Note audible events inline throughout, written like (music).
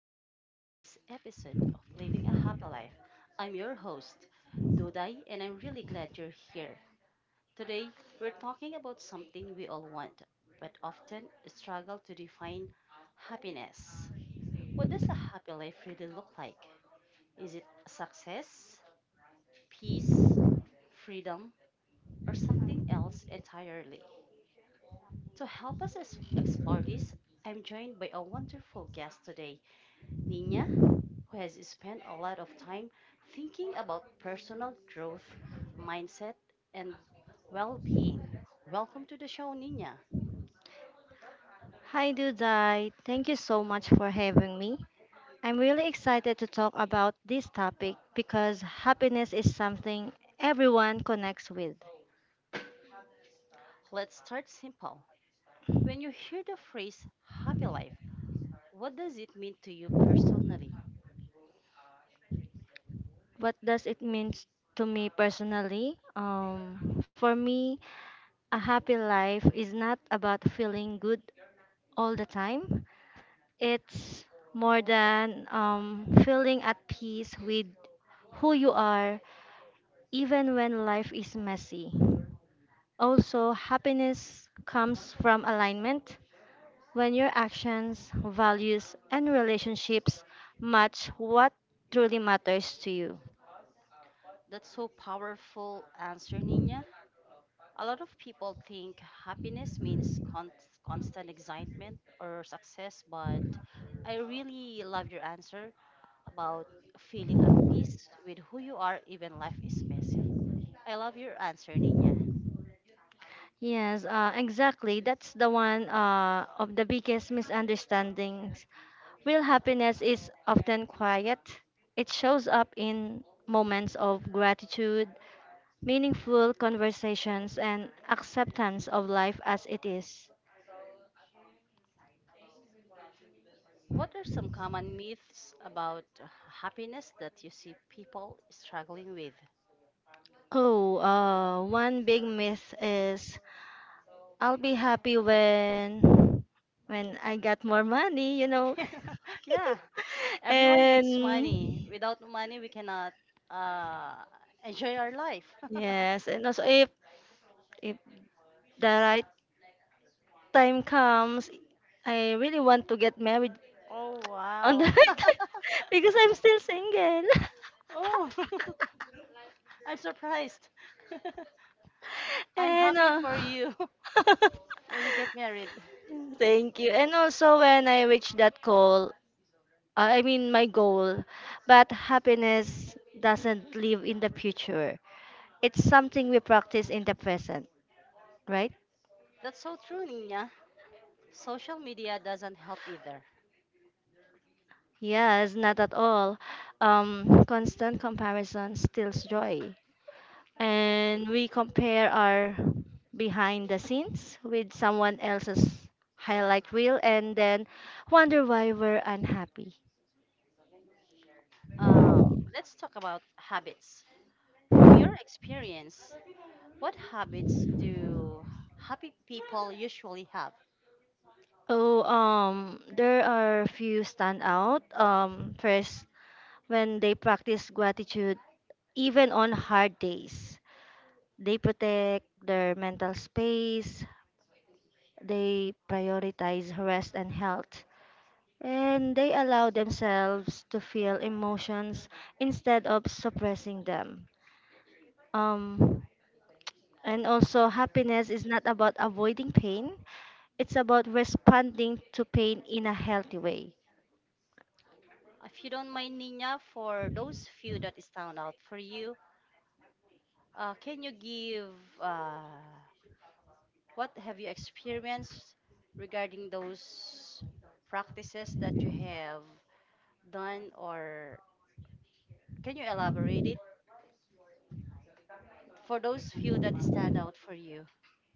welcome to today's episode of Living a Happy Life. I'm your host, Dodai, and I'm really glad you're here. Today, we're talking about something we all want, but often struggle to define happiness. What does a happy life really look like? Is it success, peace, freedom, or something else entirely? To help us explore this, I'm joined by a wonderful guest today, Nina, who has spent a lot of time thinking about personal growth, mindset, and well being. Welcome to the show, Nina. Hi, Dudai. Thank you so much for having me. I'm really excited to talk about this topic because happiness is something everyone connects with. Let's start simple. When you hear the phrase happy life, what does it mean to you personally? What does it mean to me personally? For me, a happy life is not about feeling good all the time, it's more than feeling at peace with who you are, even when life is messy. Also, happiness comes from alignment when your actions, values, and relationships match what truly matters to you. That's so powerful answer, Nina. A lot of people think happiness means constant excitement or success, but I really love your answer about feeling at peace with who you are, even life is messy. I love your answer, Nina. Yes, exactly. That's the one of the biggest misunderstandings. Real happiness is often quiet, it shows up in moments of gratitude, meaningful conversations, and acceptance of life as it is. What are some common myths about happiness that you see people struggling with? Oh, one big myth is I'll be happy when I got more money, you know. (laughs) yeah, (laughs) everyone needs money. And Without money, we cannot uh, enjoy our life. yes, and also if the right time comes, I really want to get married (laughs) oh, on the (laughs) wow. right time (laughs) because I'm still single. (laughs) Oh, (laughs) I'm surprised. (laughs) I'm And happy for you (laughs) (laughs) when you get married. thank you. And also when I reach that goal, I mean my goal, but happiness doesn't live in the future. It's something we practice in the present, right? That's so true, Nina. Social media doesn't help either. Yes, not at all. Constant comparison steals joy. And we compare our behind the scenes with someone else's highlight reel and then wonder why we're unhappy. Uh, let's talk about habits. From your experience, what habits do happy people usually have? Oh, there are few stand out. First, when they practice gratitude, even on hard days, they protect their mental space. They prioritize rest and health, and they allow themselves to feel emotions instead of suppressing them. Um, and also, happiness is not about avoiding pain, it's about responding to pain in a healthy way. If you don't mind, Nina, for those few that stand out for you, can you give uh, what have you experienced regarding those practices that you have done, or can you elaborate it for those few that stand out for you?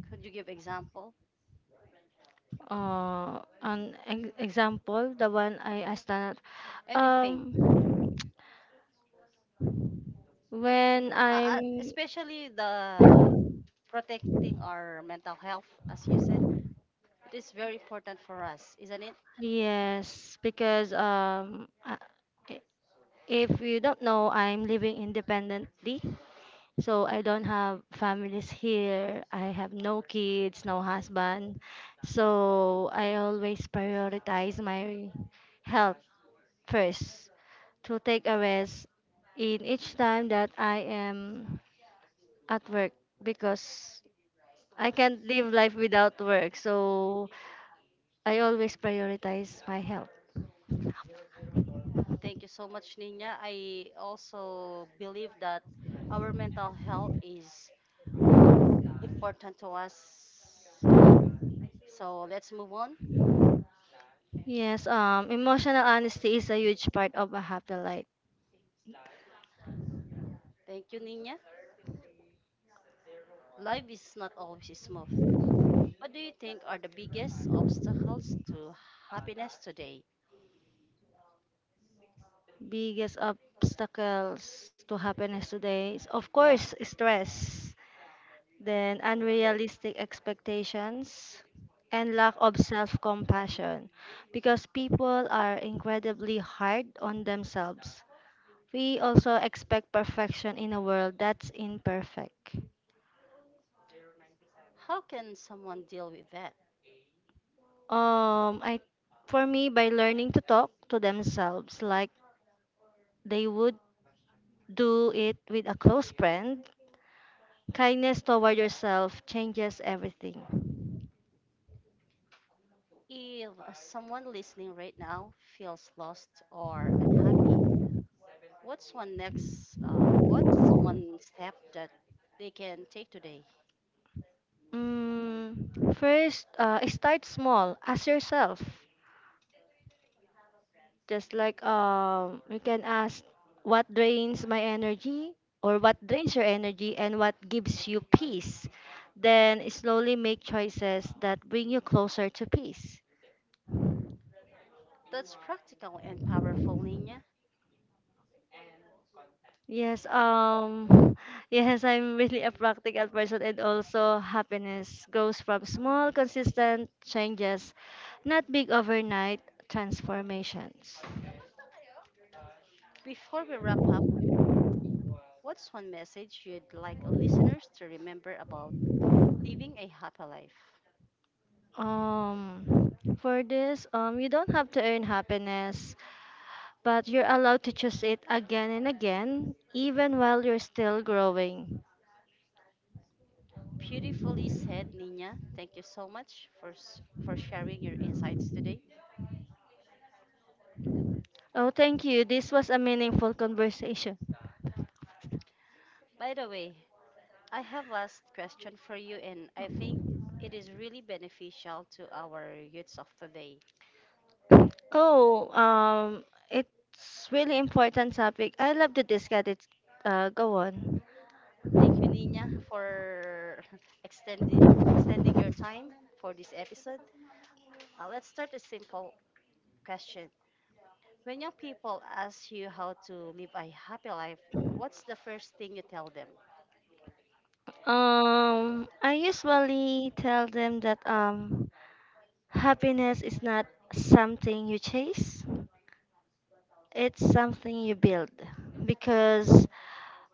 Could you give example? An example, the one I stand at, Anything um, when I'm especially the protecting our mental health, as you said, it is very important for us, isn't it? yes, because i- if you don't know, I'm living independently. So I don't have families here. I have no kids, no husband. So I always prioritize my health first, to take a rest in each time that I am at work, because I can't live life without work. So I always prioritize my health. Thank you so much, Nina. I also believe that our mental health is important to us, so let's move on. Yes, um, emotional honesty is a huge part of a happy life. Thank you, Nina. Life is not always smooth. What do you think are the biggest obstacles to happiness today? Biggest obstacles to happiness today is, of Yeah. course, stress, then unrealistic expectations, and lack of self compassion because people are incredibly hard on themselves. We also expect perfection in a world that's imperfect. How can someone deal with that? I For me, by learning to talk to themselves like they would do it with a close friend. Kindness toward yourself changes everything. If someone listening right now feels lost or unhappy, what's one step that they can take today? Mm, first, start small. Ask yourself. Just like you can ask what drains my energy, or what drains your energy and what gives you peace. Then slowly make choices that bring you closer to peace. That's practical and powerful, Nina. Yes, (sighs) (laughs) yes, I'm really a practical person, and also happiness grows from small, consistent changes, not big overnight transformations. Before we wrap up, what's one message you'd like listeners to remember about living a happy life? For this, you don't have to earn happiness, but you're allowed to choose it again and again, even while you're still growing. Beautifully said, Nina. Thank you so much for for sharing your insights today. Oh, thank you. This was a meaningful conversation. By the way, I have last question for you, and I think it is really beneficial to our youths of today. Oh, it's really important topic. I love to discuss it. Go on. Thank you, Nina, for (laughs) extending your time for this episode. Let's start a simple question. When young people ask you how to live a happy life, what's the first thing you tell them? I usually tell them that happiness is not something you chase. It's something you build, because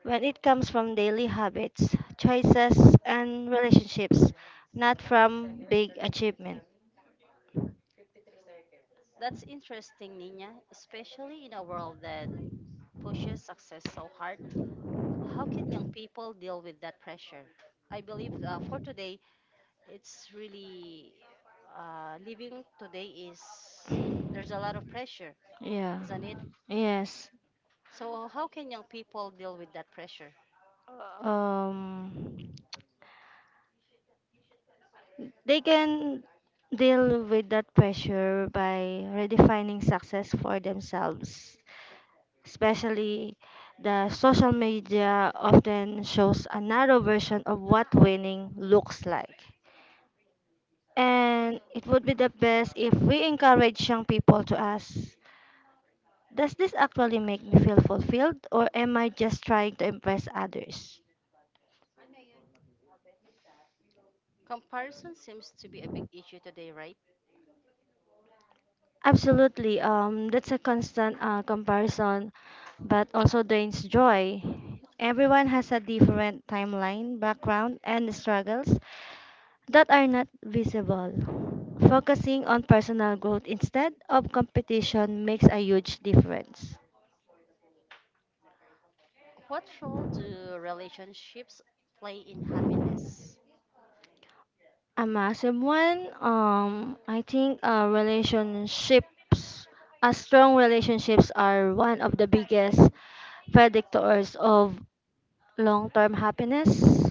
when it comes from daily habits, choices, and relationships, not from big achievement. That's interesting, Nina, especially in a world that pushes success so hard. How can young people deal with that pressure? I believe for today, it's really living today is there's a lot of pressure, Yeah. isn't it? Yes. So how can young people deal with that pressure? Um, they can deal with that pressure by redefining success for themselves, especially the social media often shows a narrow version of what winning looks like. And it would be the best if we encourage young people to ask, does this actually make me feel fulfilled, or am I just trying to impress others? Comparison seems to be a big issue today, right? Absolutely. That's a constant comparison, but also drains joy. Everyone has a different timeline, background, and struggles that are not visible. Focusing on personal growth instead of competition makes a huge difference. What role do relationships play in happiness? A massive one. I think relationships, strong relationships are one of the biggest predictors of long-term happiness,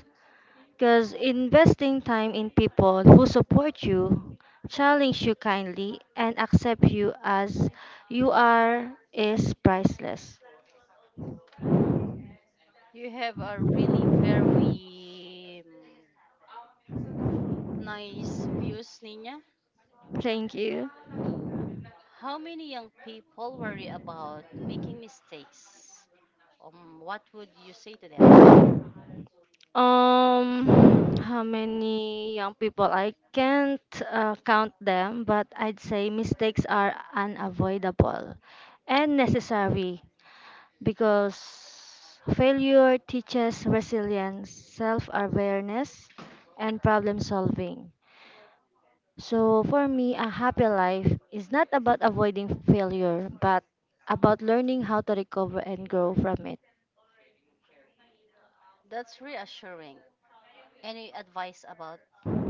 because investing time in people who support you, challenge you kindly, and accept you as you are is priceless. You have a really very nice views, Nina. Thank you. How many young people worry about making mistakes? What would you say to them? How many young people? I can't count them, but I'd say mistakes are unavoidable and necessary, because failure teaches resilience, self awareness, and problem solving. So for me, a happy life is not about avoiding failure, but about learning how to recover and grow from it. That's reassuring. Any advice about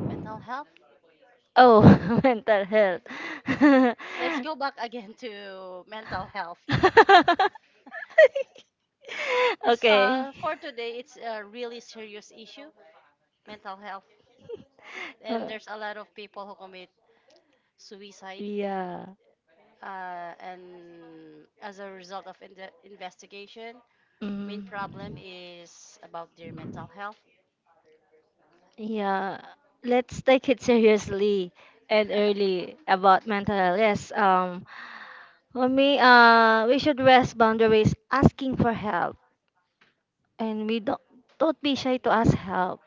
mental health? Oh, (laughs) mental health. (laughs) (laughs) let (laughs) Let's go back again to mental health. (laughs) (laughs) It's, okay. For today, it's a really serious issue, And mental health. uh, And there's a lot of people who commit suicide. yeah. And as a result of in the investigation, main Mm. problem is about their mental health. Yeah, let's take it seriously and early about mental health. Yes, for me, we should rest boundaries asking for help. And we don't be shy to ask help,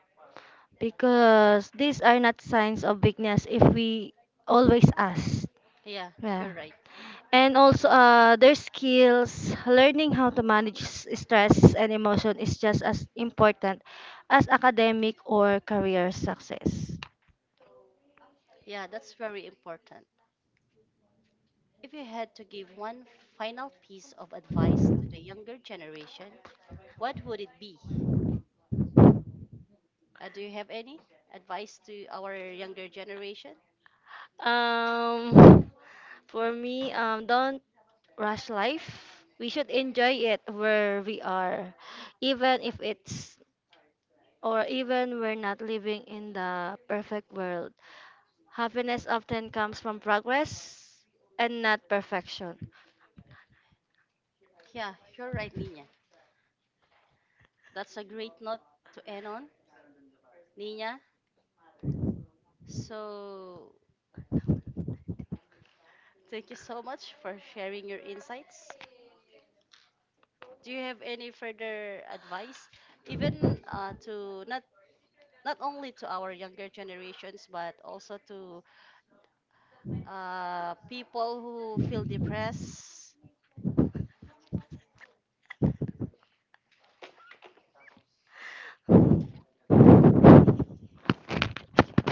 because these are not signs of weakness if we always ask. Yeah, Yeah. you're right. And also, their skills, learning how to manage stress and emotion is just as important as academic or career success. Yeah, that's very important. If you had to give one final piece of advice to the younger generation, what would it be? Do you have any advice to our younger generation? Um, for me, don't rush life. We should enjoy it where we are, even if it's or even we're not living in the perfect world. Happiness often comes from progress and not perfection. Yeah, you're right, Nina. That's a great note to end on, Nina. So, thank you so much for sharing your insights. Do you have any further advice, even to not only to our younger generations, but also to people who feel depressed? Pwede ulitin.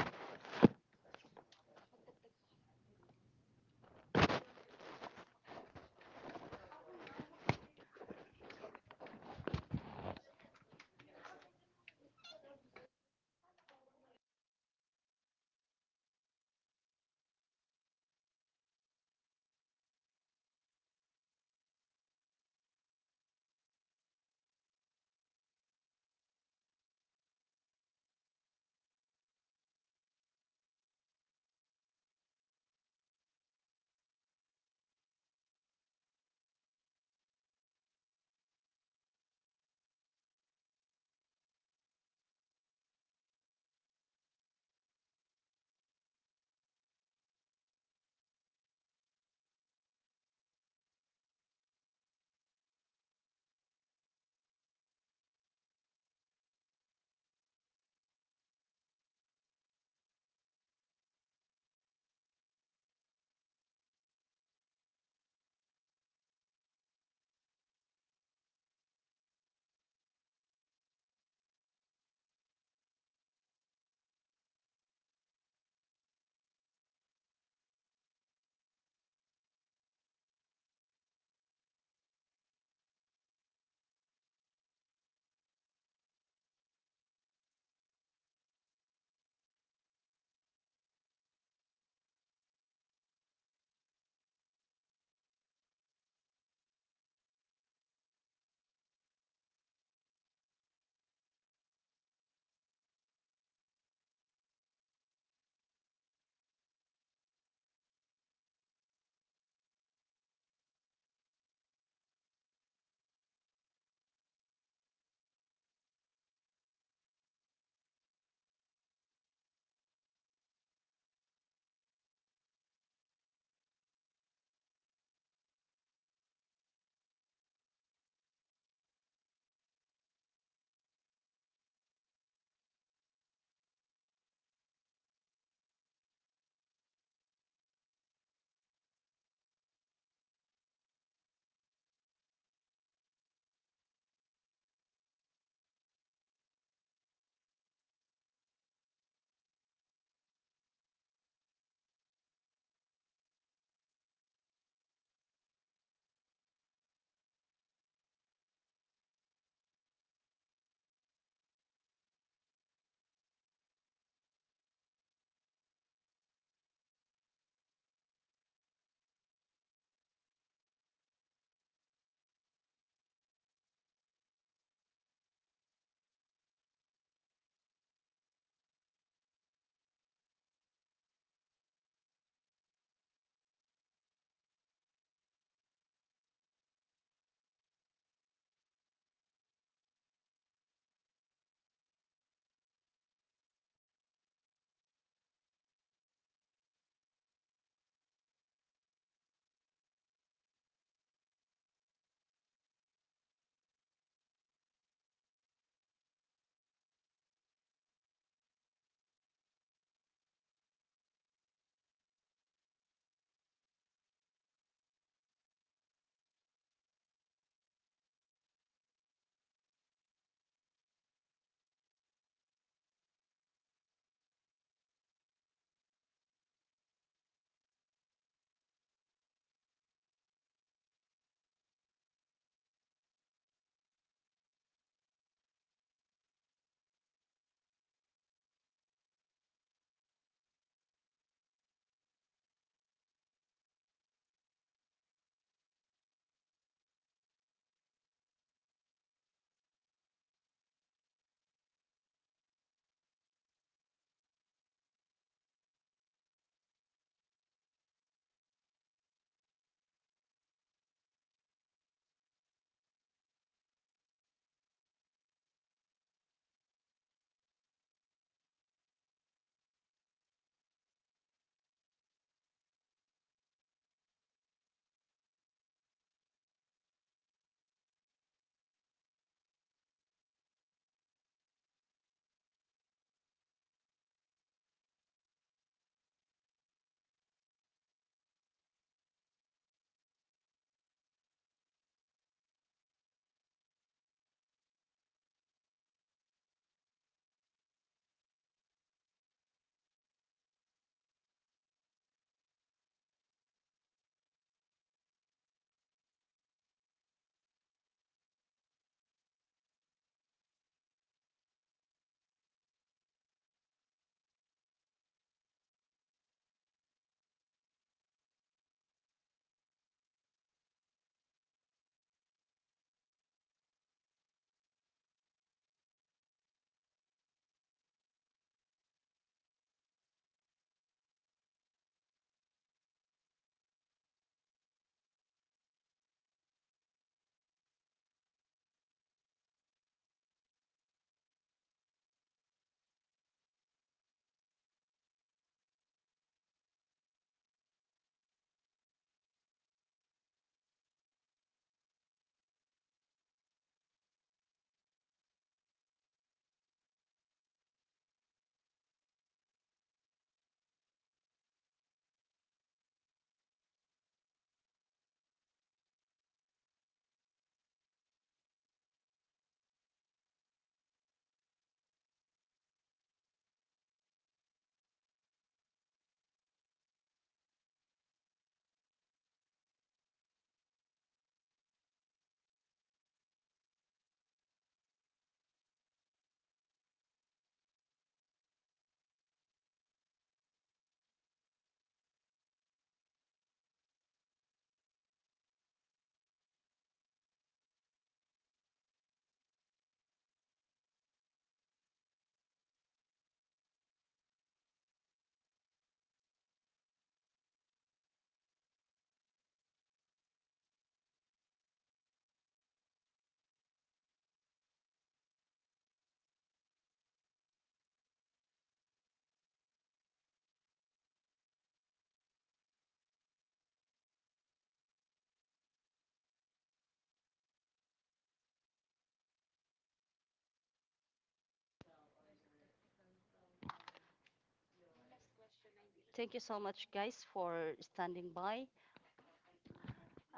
Thank you so much, guys, for standing by.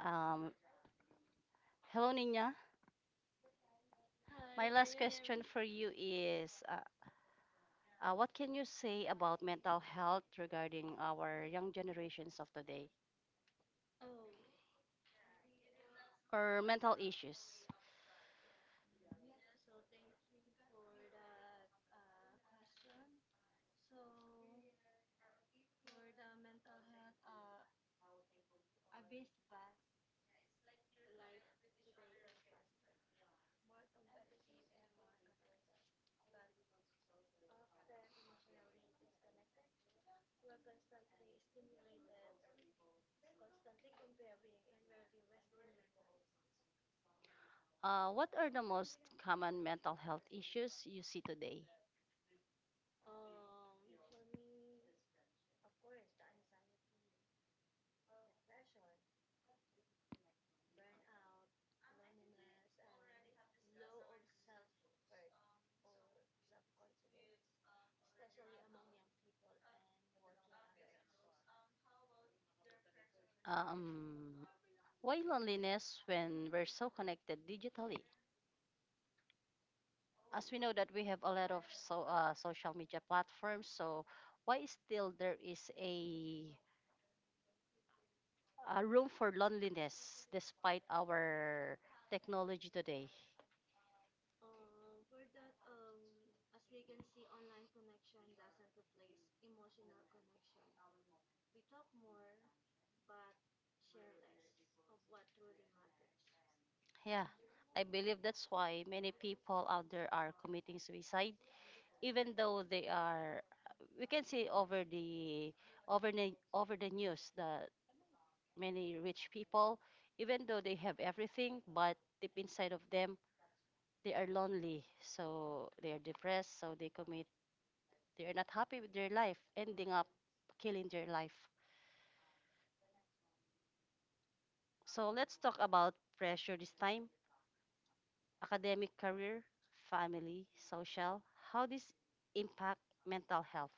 Um, hello, Nina. My last I question for you is what can you say about mental health regarding our young generations of today or mental issues? What are the most common mental health issues you see today? Um, why loneliness when we're so connected digitally? As we know that we have a lot of social media platforms, so why still there is a room for loneliness despite our technology today? Yeah, I believe that's why many people out there are committing suicide, even though they are, we can say over the over the news that many rich people, even though they have everything, but deep inside of them they are lonely, so they are depressed, so they commit. They are not happy with their life, ending up killing their life. So let's talk about pressure this time. Academic career, family, social, how this impact mental health.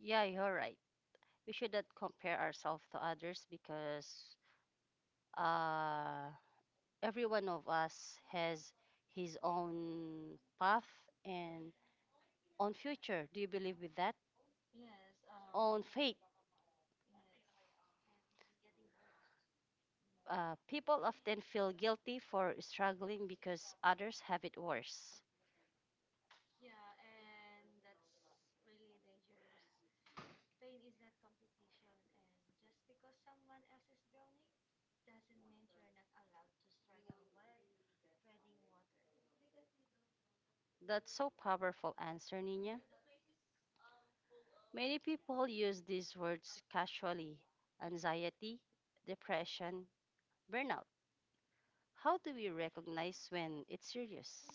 Yeah, you're right. We should not compare ourselves to others because uh, every one of us has his own path and own future. Do you believe with that? Own fate. People often feel guilty for struggling because others have it worse. That's so powerful answer, Nina. Many people use these words casually, anxiety, depression, burnout. How do we recognize when it's serious?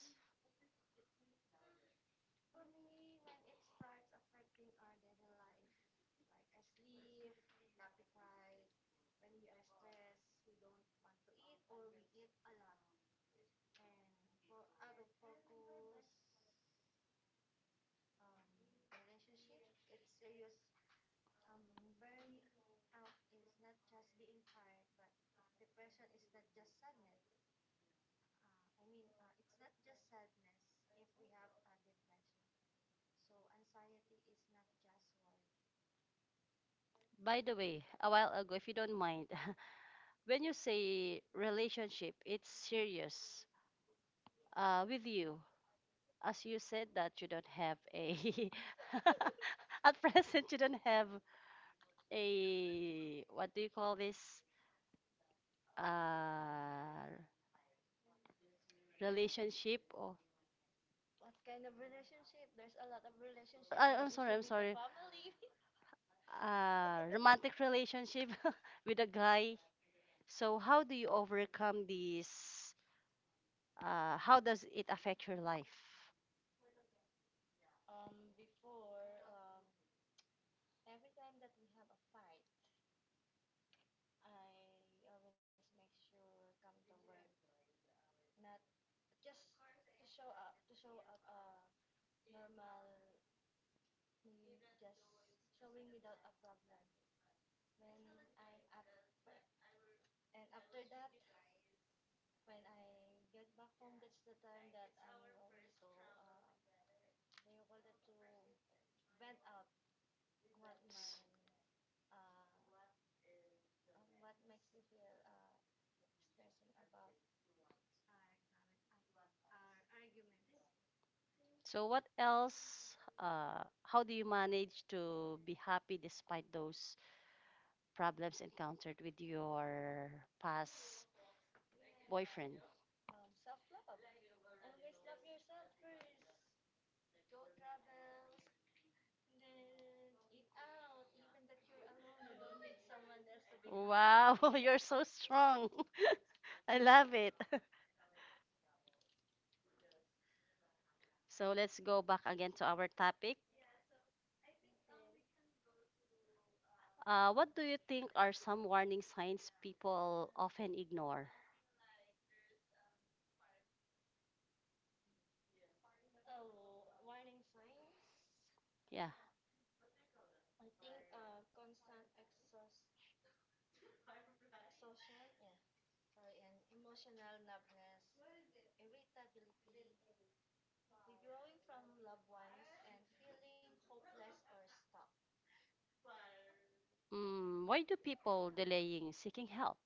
By the way, a while ago, if you don't mind, (laughs) when you say relationship, it's serious with you. As you said that you don't have a (laughs) at present, you don't have a, what do you call this? Uh, Relationship or I'm sorry, relationship, I'm sorry. Romantic relationship (laughs) with a guy. So how do you overcome this? How does it affect your life? So what else? How do you manage to be happy despite those problems encountered with your past boyfriend? Wow, (laughs) you're so strong. (laughs) I love it. (laughs) So let's go back again to our topic. What do you think are some warning signs people often ignore? Yeah. Mm, why do people delaying seeking help?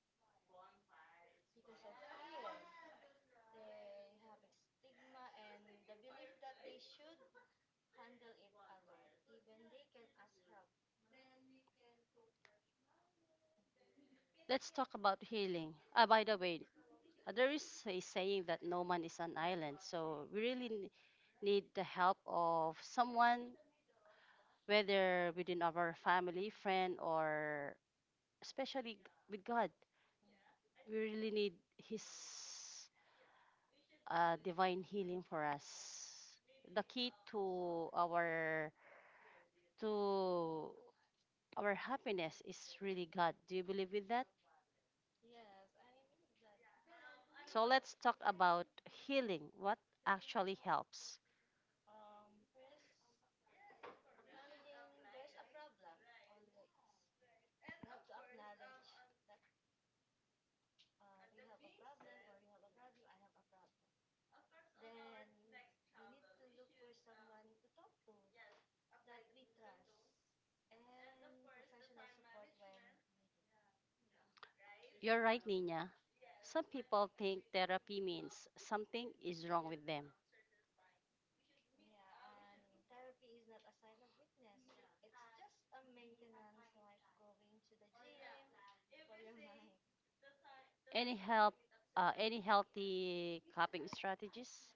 Let's talk about healing. Ah, by the way, there is a saying that no man is an island, so we really need the help of someone whether within our family, friend, or especially with God. We really need His divine healing for us. The key to our happiness is really God. Do you believe with that? So let's talk about healing. What actually helps? You're right, Nina. Some people think therapy means something is wrong with them. Any help? Any healthy coping strategies?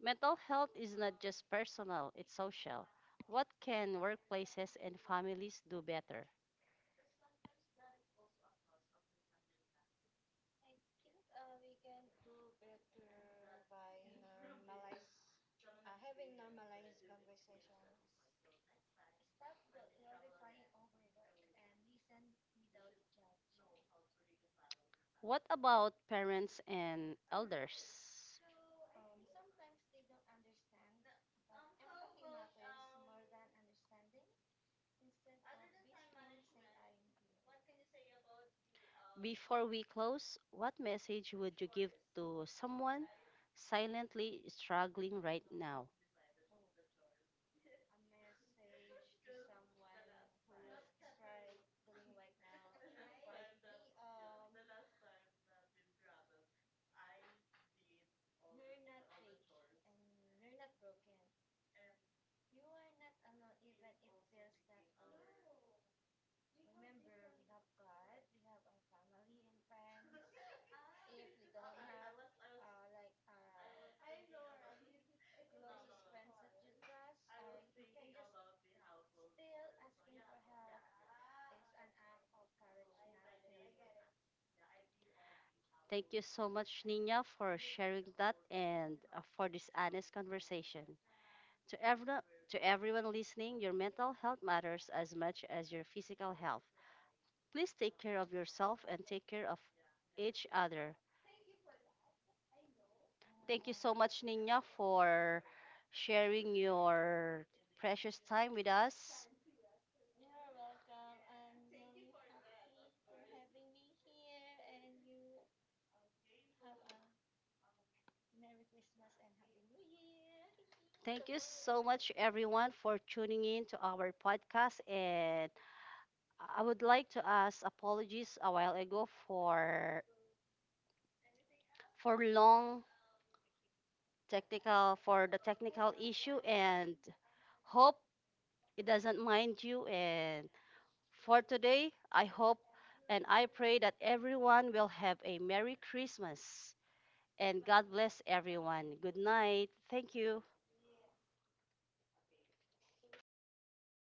Mental health is not just personal; it's social. What can workplaces and families do better? What about parents and elders? Before we close, what message would you give to someone silently struggling right now? Thank you so much, Nina, for sharing that and for this honest conversation. To everyone, to everyone listening, your mental health matters as much as your physical health. Please take care of yourself and take care of each other. Thank you so much, Nina, for sharing your precious time with us. Thank you so much, everyone, for tuning in to our podcast, and I would like to ask apologies a while ago for long technical for the technical issue, and hope it doesn't mind you, and for today I hope and I pray that everyone will have a merry Christmas and God bless everyone. Good night. Thank you.